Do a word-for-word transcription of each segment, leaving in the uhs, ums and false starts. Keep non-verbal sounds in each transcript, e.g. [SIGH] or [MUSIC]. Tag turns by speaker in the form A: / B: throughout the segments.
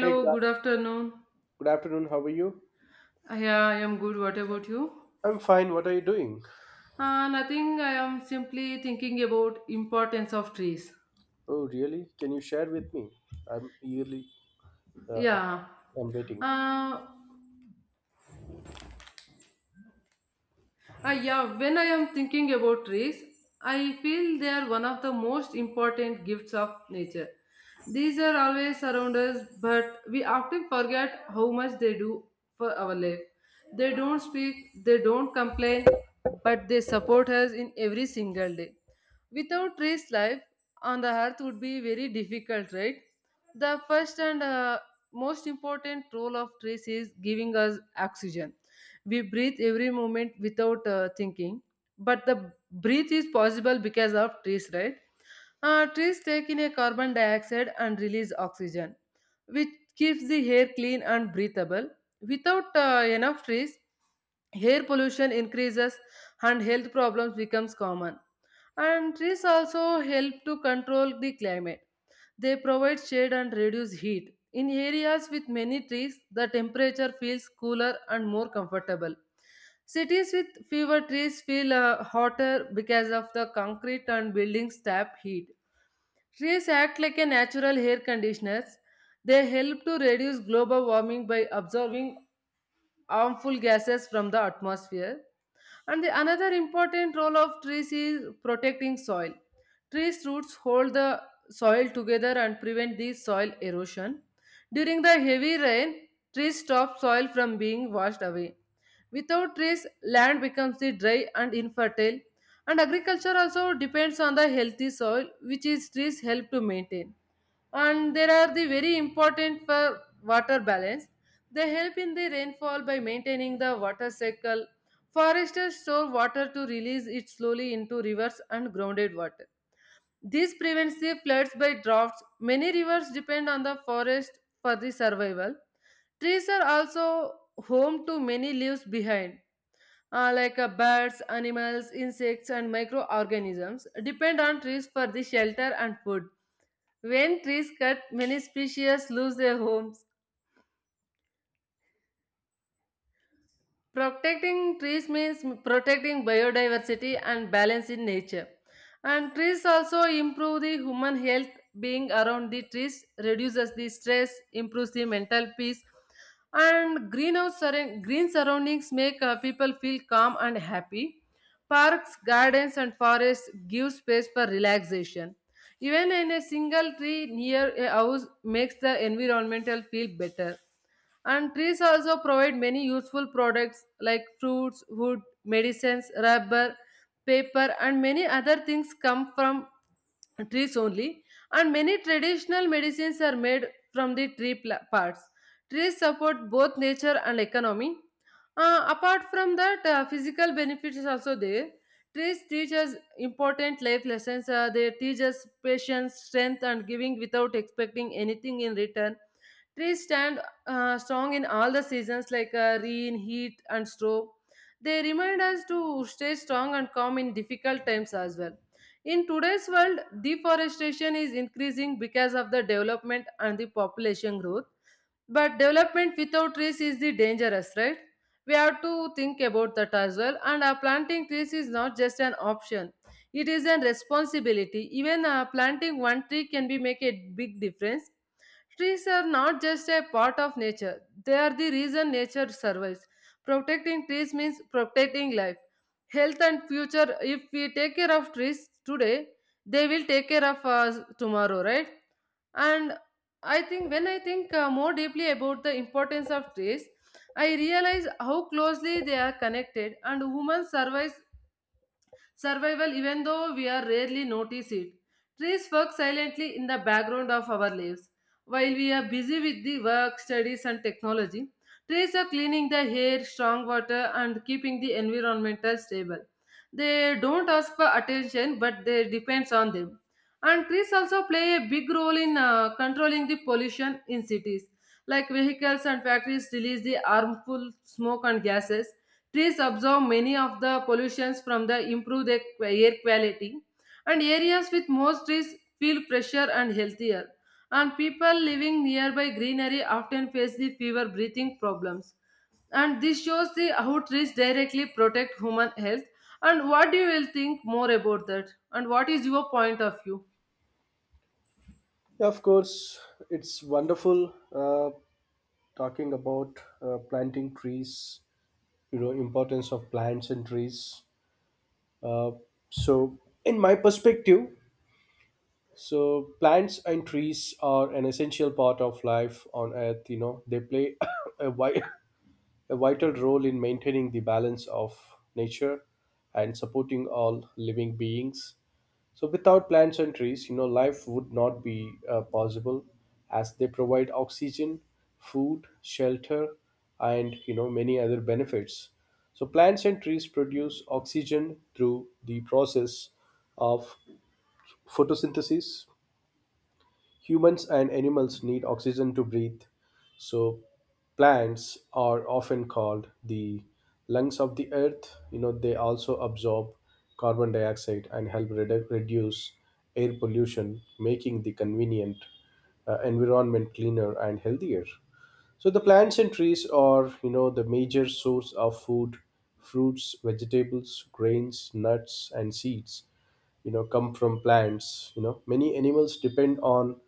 A: Hey, good af-
B: good afternoon.
A: good afternoon. How are you?
B: Yeah, I am good. What about you?
A: I'm fine. What are you doing?
B: Uh, nothing. I am simply thinking about importance of trees.
A: Oh, really? Can you share with me? I'm eagerly, uh,
B: Yeah.
A: I- I'm waiting.
B: Uh, uh, yeah. When I am thinking about trees, I feel they are one of the most important gifts of nature. These are always around us, but we often forget how much they do for our life. They don't speak, they don't complain, but they support us in every single day. Without trees, life on the earth would be very difficult, right? The first and uh, most important role of trees is giving us oxygen. We breathe every moment without uh, thinking, but the breath is possible because of trees, right? Uh, trees take in a carbon dioxide and release oxygen which keeps the air clean and breathable. Without uh, enough trees, air pollution increases and health problems becomes common. And trees also help to control the climate. They provide shade and reduce heat. In areas with many trees, the temperature feels cooler and more comfortable. Cities with fewer trees feel uh, hotter because of the concrete and buildings tap heat. Trees act like a natural hair conditioners. They help to reduce global warming by absorbing harmful gases from the atmosphere. And the another important role of trees is protecting soil. Trees roots hold the soil together and prevent the soil erosion. During the heavy rain, trees stop soil from being washed away. Without trees, land becomes the dry and infertile. And agriculture also depends on the healthy soil, which is trees help to maintain, and there are the very important for water balance. They help in the rainfall by maintaining the water cycle. Foresters store water to release it slowly into rivers and grounded water. This prevents the floods by droughts. Many rivers depend on the forest for the survival. Trees are also home to many leaves behind, uh, like uh, birds, animals, insects, and microorganisms depend on trees for the shelter and food. When trees cut, many species lose their homes. Protecting trees means protecting biodiversity and balance in nature. And trees also improve the human health. Being around the trees reduces the stress, improves the mental peace. And greenhouse surround- green surroundings make uh, people feel calm and happy. Parks, gardens, and forests give space for relaxation. Even in a single tree near a house makes the environmental feel better, and trees also provide many useful products like fruits, wood, medicines, rubber, paper, and many other things come from trees only. And many traditional medicines are made from the tree pla- parts. Trees support both nature and economy. Uh, apart from that, uh, physical benefits is also there. Trees teach us important life lessons. Uh, they teach us patience, strength, and giving without expecting anything in return. Trees stand uh, strong in all the seasons like uh, rain, heat, and storm. They remind us to stay strong and calm in difficult times as well. In today's world, deforestation is increasing because of the development and the population growth. But development without trees is the dangerous, right? We have to think about that as well. And uh, planting trees is not just an option; it is a responsibility. Even uh, planting one tree can be make a big difference. Trees are not just a part of nature, they are the reason nature survives. Protecting trees means protecting life, health, and future. If we take care of trees today, they will take care of us tomorrow, right? And I think when I think uh, more deeply about the importance of trees, I realize how closely they are connected and human survives survival, even though we are rarely notice it. Trees work silently in the background of our lives. While we are busy with the work, studies and technology, trees are cleaning the air, strong water and keeping the environment stable. They don't ask for attention, but they depends on them. And trees also play a big role in uh, controlling the pollution in cities. Like vehicles and factories release the harmful smoke and gases. Trees absorb many of the pollutions from the improve their qu- air quality, and areas with more trees feel fresher and healthier. And people living nearby greenery often face the fever breathing problems. And this shows the how trees directly protect human health. And what do you will think more about that? And what is your point of view?
A: Yeah, of course. It's wonderful, uh, talking about uh, planting trees, you know, importance of plants and trees. Uh, so, in my perspective, so plants and trees are an essential part of life on Earth. You know, they play [COUGHS] a wide a vital role in maintaining the balance of nature and supporting all living beings. So, without plants and trees, you know, life would not be, uh, possible, as they provide oxygen, food, shelter, and, you know, many other benefits. So, plants and trees produce oxygen through the process of photosynthesis. Humans and animals need oxygen to breathe, so plants are often called the lungs of the earth. You know, they also absorb carbon dioxide and help redu- reduce air pollution, making the convenient, uh, environment cleaner and healthier. So the plants and trees are, you know, the major source of food, fruits, vegetables, grains, nuts, and seeds, you know, come from plants. You know, many animals depend on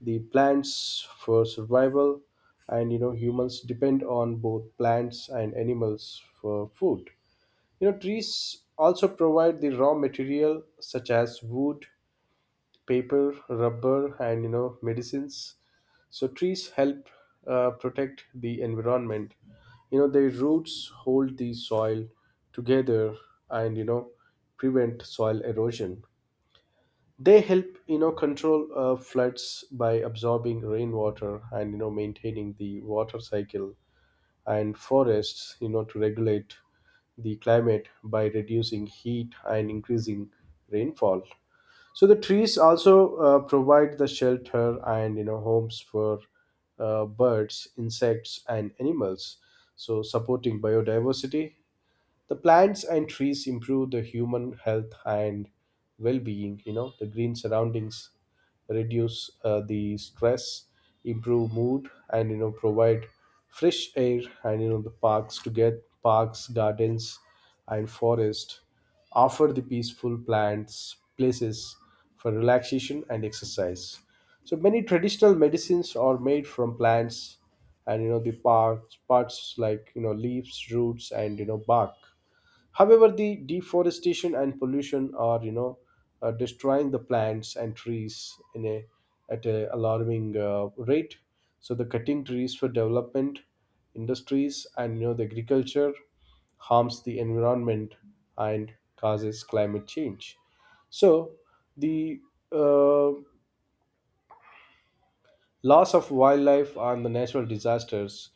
A: the plants for survival, and, you know, humans depend on both plants and animals for food. You know, trees also provide the raw material such as wood, paper, rubber, and, you know, medicines. So trees help, uh, protect the environment. You know, their roots hold the soil together, and, you know, prevent soil erosion. They help, you know, control, uh, floods by absorbing rainwater and, you know, maintaining the water cycle, and forests, you know, to regulate the climate by reducing heat and increasing rainfall. So the trees also, uh, provide the shelter and, you know, homes for, uh, birds, insects, and animals. So supporting biodiversity, the plants and trees improve the human health and well-being. You know, the green surroundings reduce, uh, the stress, improve mood, and, you know, provide fresh air. And you know the parks to get parks, gardens, and forest offer the peaceful plants places for relaxation and exercise. So many traditional medicines are made from plants, and, you know, the parts parts like, you know, leaves, roots, and, you know, bark. However, the deforestation and pollution are, you know, uh, destroying the plants and trees in a at a alarming, uh, rate. So the cutting trees for development, industries, and, you know, the agriculture harms the environment and causes climate change. So the uh, loss of wildlife and the natural disasters,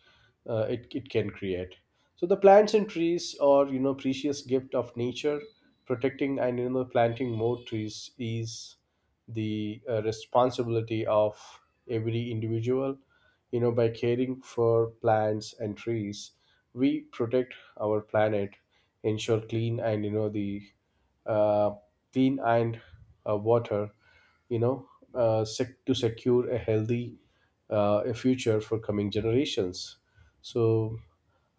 A: uh, it, it can create. So the plants and trees are, you know, precious gift of nature. Protecting and, you know, planting more trees is the, uh, responsibility of every individual. You know, by caring for plants and trees, we protect our planet, ensure clean and, you know, the uh, clean and, uh, water, you know, uh, sec- to secure a healthy, uh, a future for coming generations. So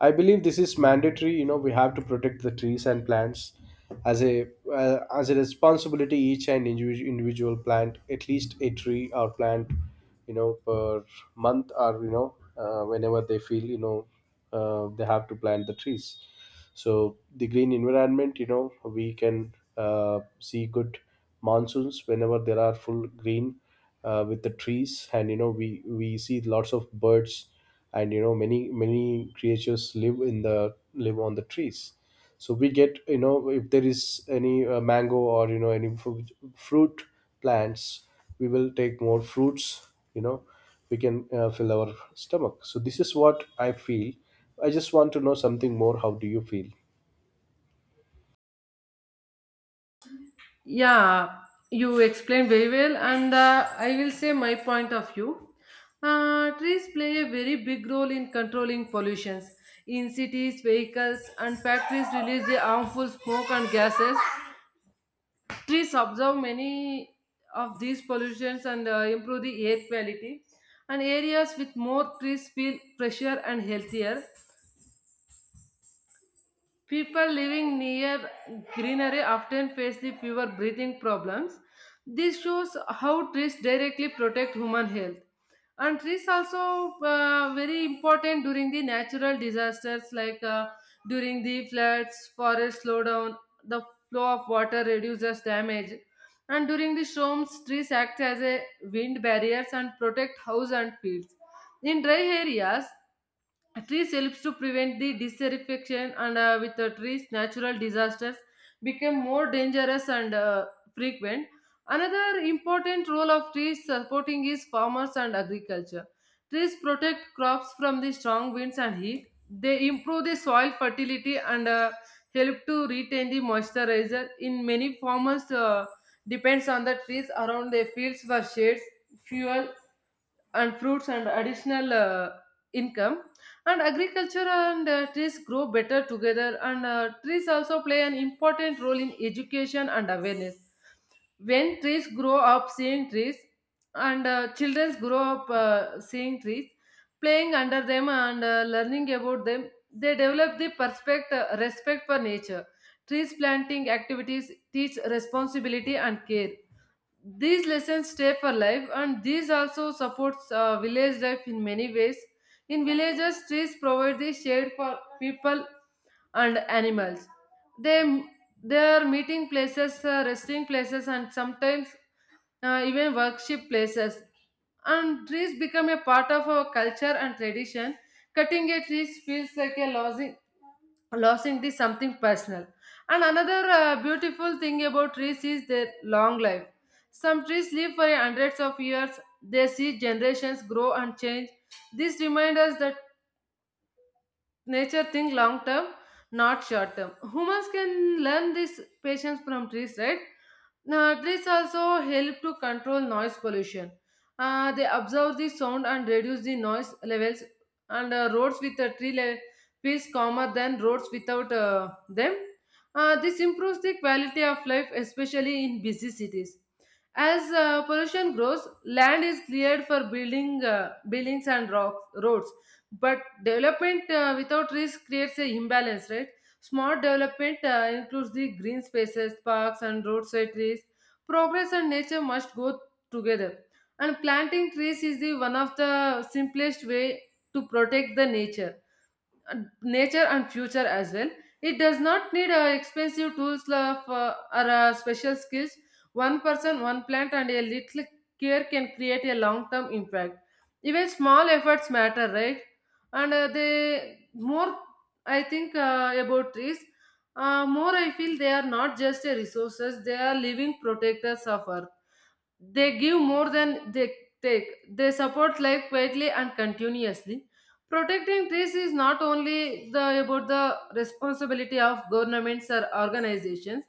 A: I believe this is mandatory. You know, we have to protect the trees and plants as a, uh, as a responsibility. Each and individual individual plant at least a tree or plant, you know, per month, or, you know, uh, whenever they feel, you know, uh, they have to plant the trees. So the green environment, you know, we can, uh, see good monsoons whenever there are full green, uh, with the trees, and, you know, we we see lots of birds, and, you know, many many creatures live in the live on the trees. So we get, you know, if there is any, uh, mango or, you know, any fruit, fruit plants, we will take more fruits. You know, we can, uh, fill our stomach. So this is what I feel. I just want to know something more. How do you feel?
B: Yeah, you explained very well, and uh, I will say my point of view. Uh, trees play a very big role in controlling pollutions. In cities, vehicles and factories release the harmful smoke and gases. Trees absorb many of these pollutions and uh, improve the air quality. And areas with more trees feel fresher and healthier. People living near greenery often face the fewer breathing problems. This shows how trees directly protect human health. And trees also uh, very important during the natural disasters like uh, during the floods, forest slowdown, the flow of water reduces damage. And during the storms, trees act as a wind barriers and protect house and fields. In dry areas, trees helps to prevent the desertification, and uh, with the trees natural disasters become more dangerous and uh, frequent. Another important role of trees supporting is farmers and agriculture. Trees protect crops from the strong winds and heat. They improve the soil fertility and uh, help to retain the moisturizer. In many farmers uh, depends on the trees around their fields for shades, fuel, and fruits and additional uh, income. And agriculture and uh, trees grow better together, and uh, trees also play an important role in education and awareness. When trees grow up seeing trees, and uh, children grow up uh, seeing trees, playing under them and uh, learning about them, they develop the perspect- uh, respect for nature. Trees planting activities teach responsibility and care. These lessons stay for life, and these also supports uh, village life in many ways. In villages, trees provide the shade for people and animals. They they are meeting places, uh, resting places, and sometimes uh, even worship places, and trees become a part of our culture and tradition. Cutting a tree feels like a losing losing is something personal. And another uh, beautiful thing about trees is their long life. Some trees live for hundreds of years. They see generations grow and change. This reminds us that nature think long term, not short term. Humans can learn this patience from trees, right? Now, trees also help to control noise pollution. Uh, they absorb the sound and reduce the noise levels, and uh, roads with a tree le- feels calmer than roads without uh, them. Uh, this improves the quality of life, especially in busy cities. As uh, pollution grows, land is cleared for building uh, buildings and rocks, roads. But development uh, without risk creates a imbalance, right? Smart development uh, includes the green spaces, parks and roadside trees. Progress and nature must go together. And planting trees is the one of the simplest way to protect the nature and nature and future as well. It does not need uh, expensive tools of, uh, or uh, special skills. One person, one plant, and a little care can create a long term impact. Even small efforts matter, right? And uh, they more, I think, uh, about trees. Uh, more I feel they are not just a resources, they are living protectors of earth. They give more than they take. They support life quietly and continuously. Protecting trees is not only the, about the responsibility of governments or organizations,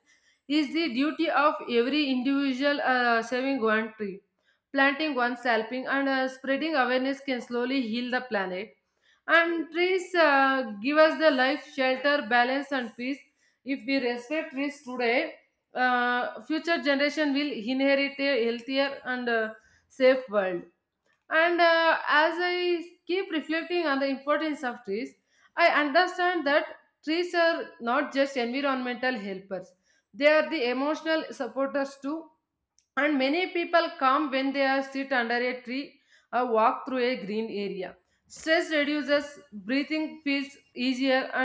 B: is the duty of every individual uh, saving one tree. Planting one, helping and uh, spreading awareness can slowly heal the planet. And trees uh, give us the life, shelter, balance, and peace. If we respect trees today, uh, future generation will inherit a healthier and uh, safe world. And uh, as I keep reflecting on the importance of trees, I understand that trees are not just environmental helpers, they are the emotional supporters too. And many people come when they are sit under a tree or walk through a green area. Stress reduces, breathing feels easier, and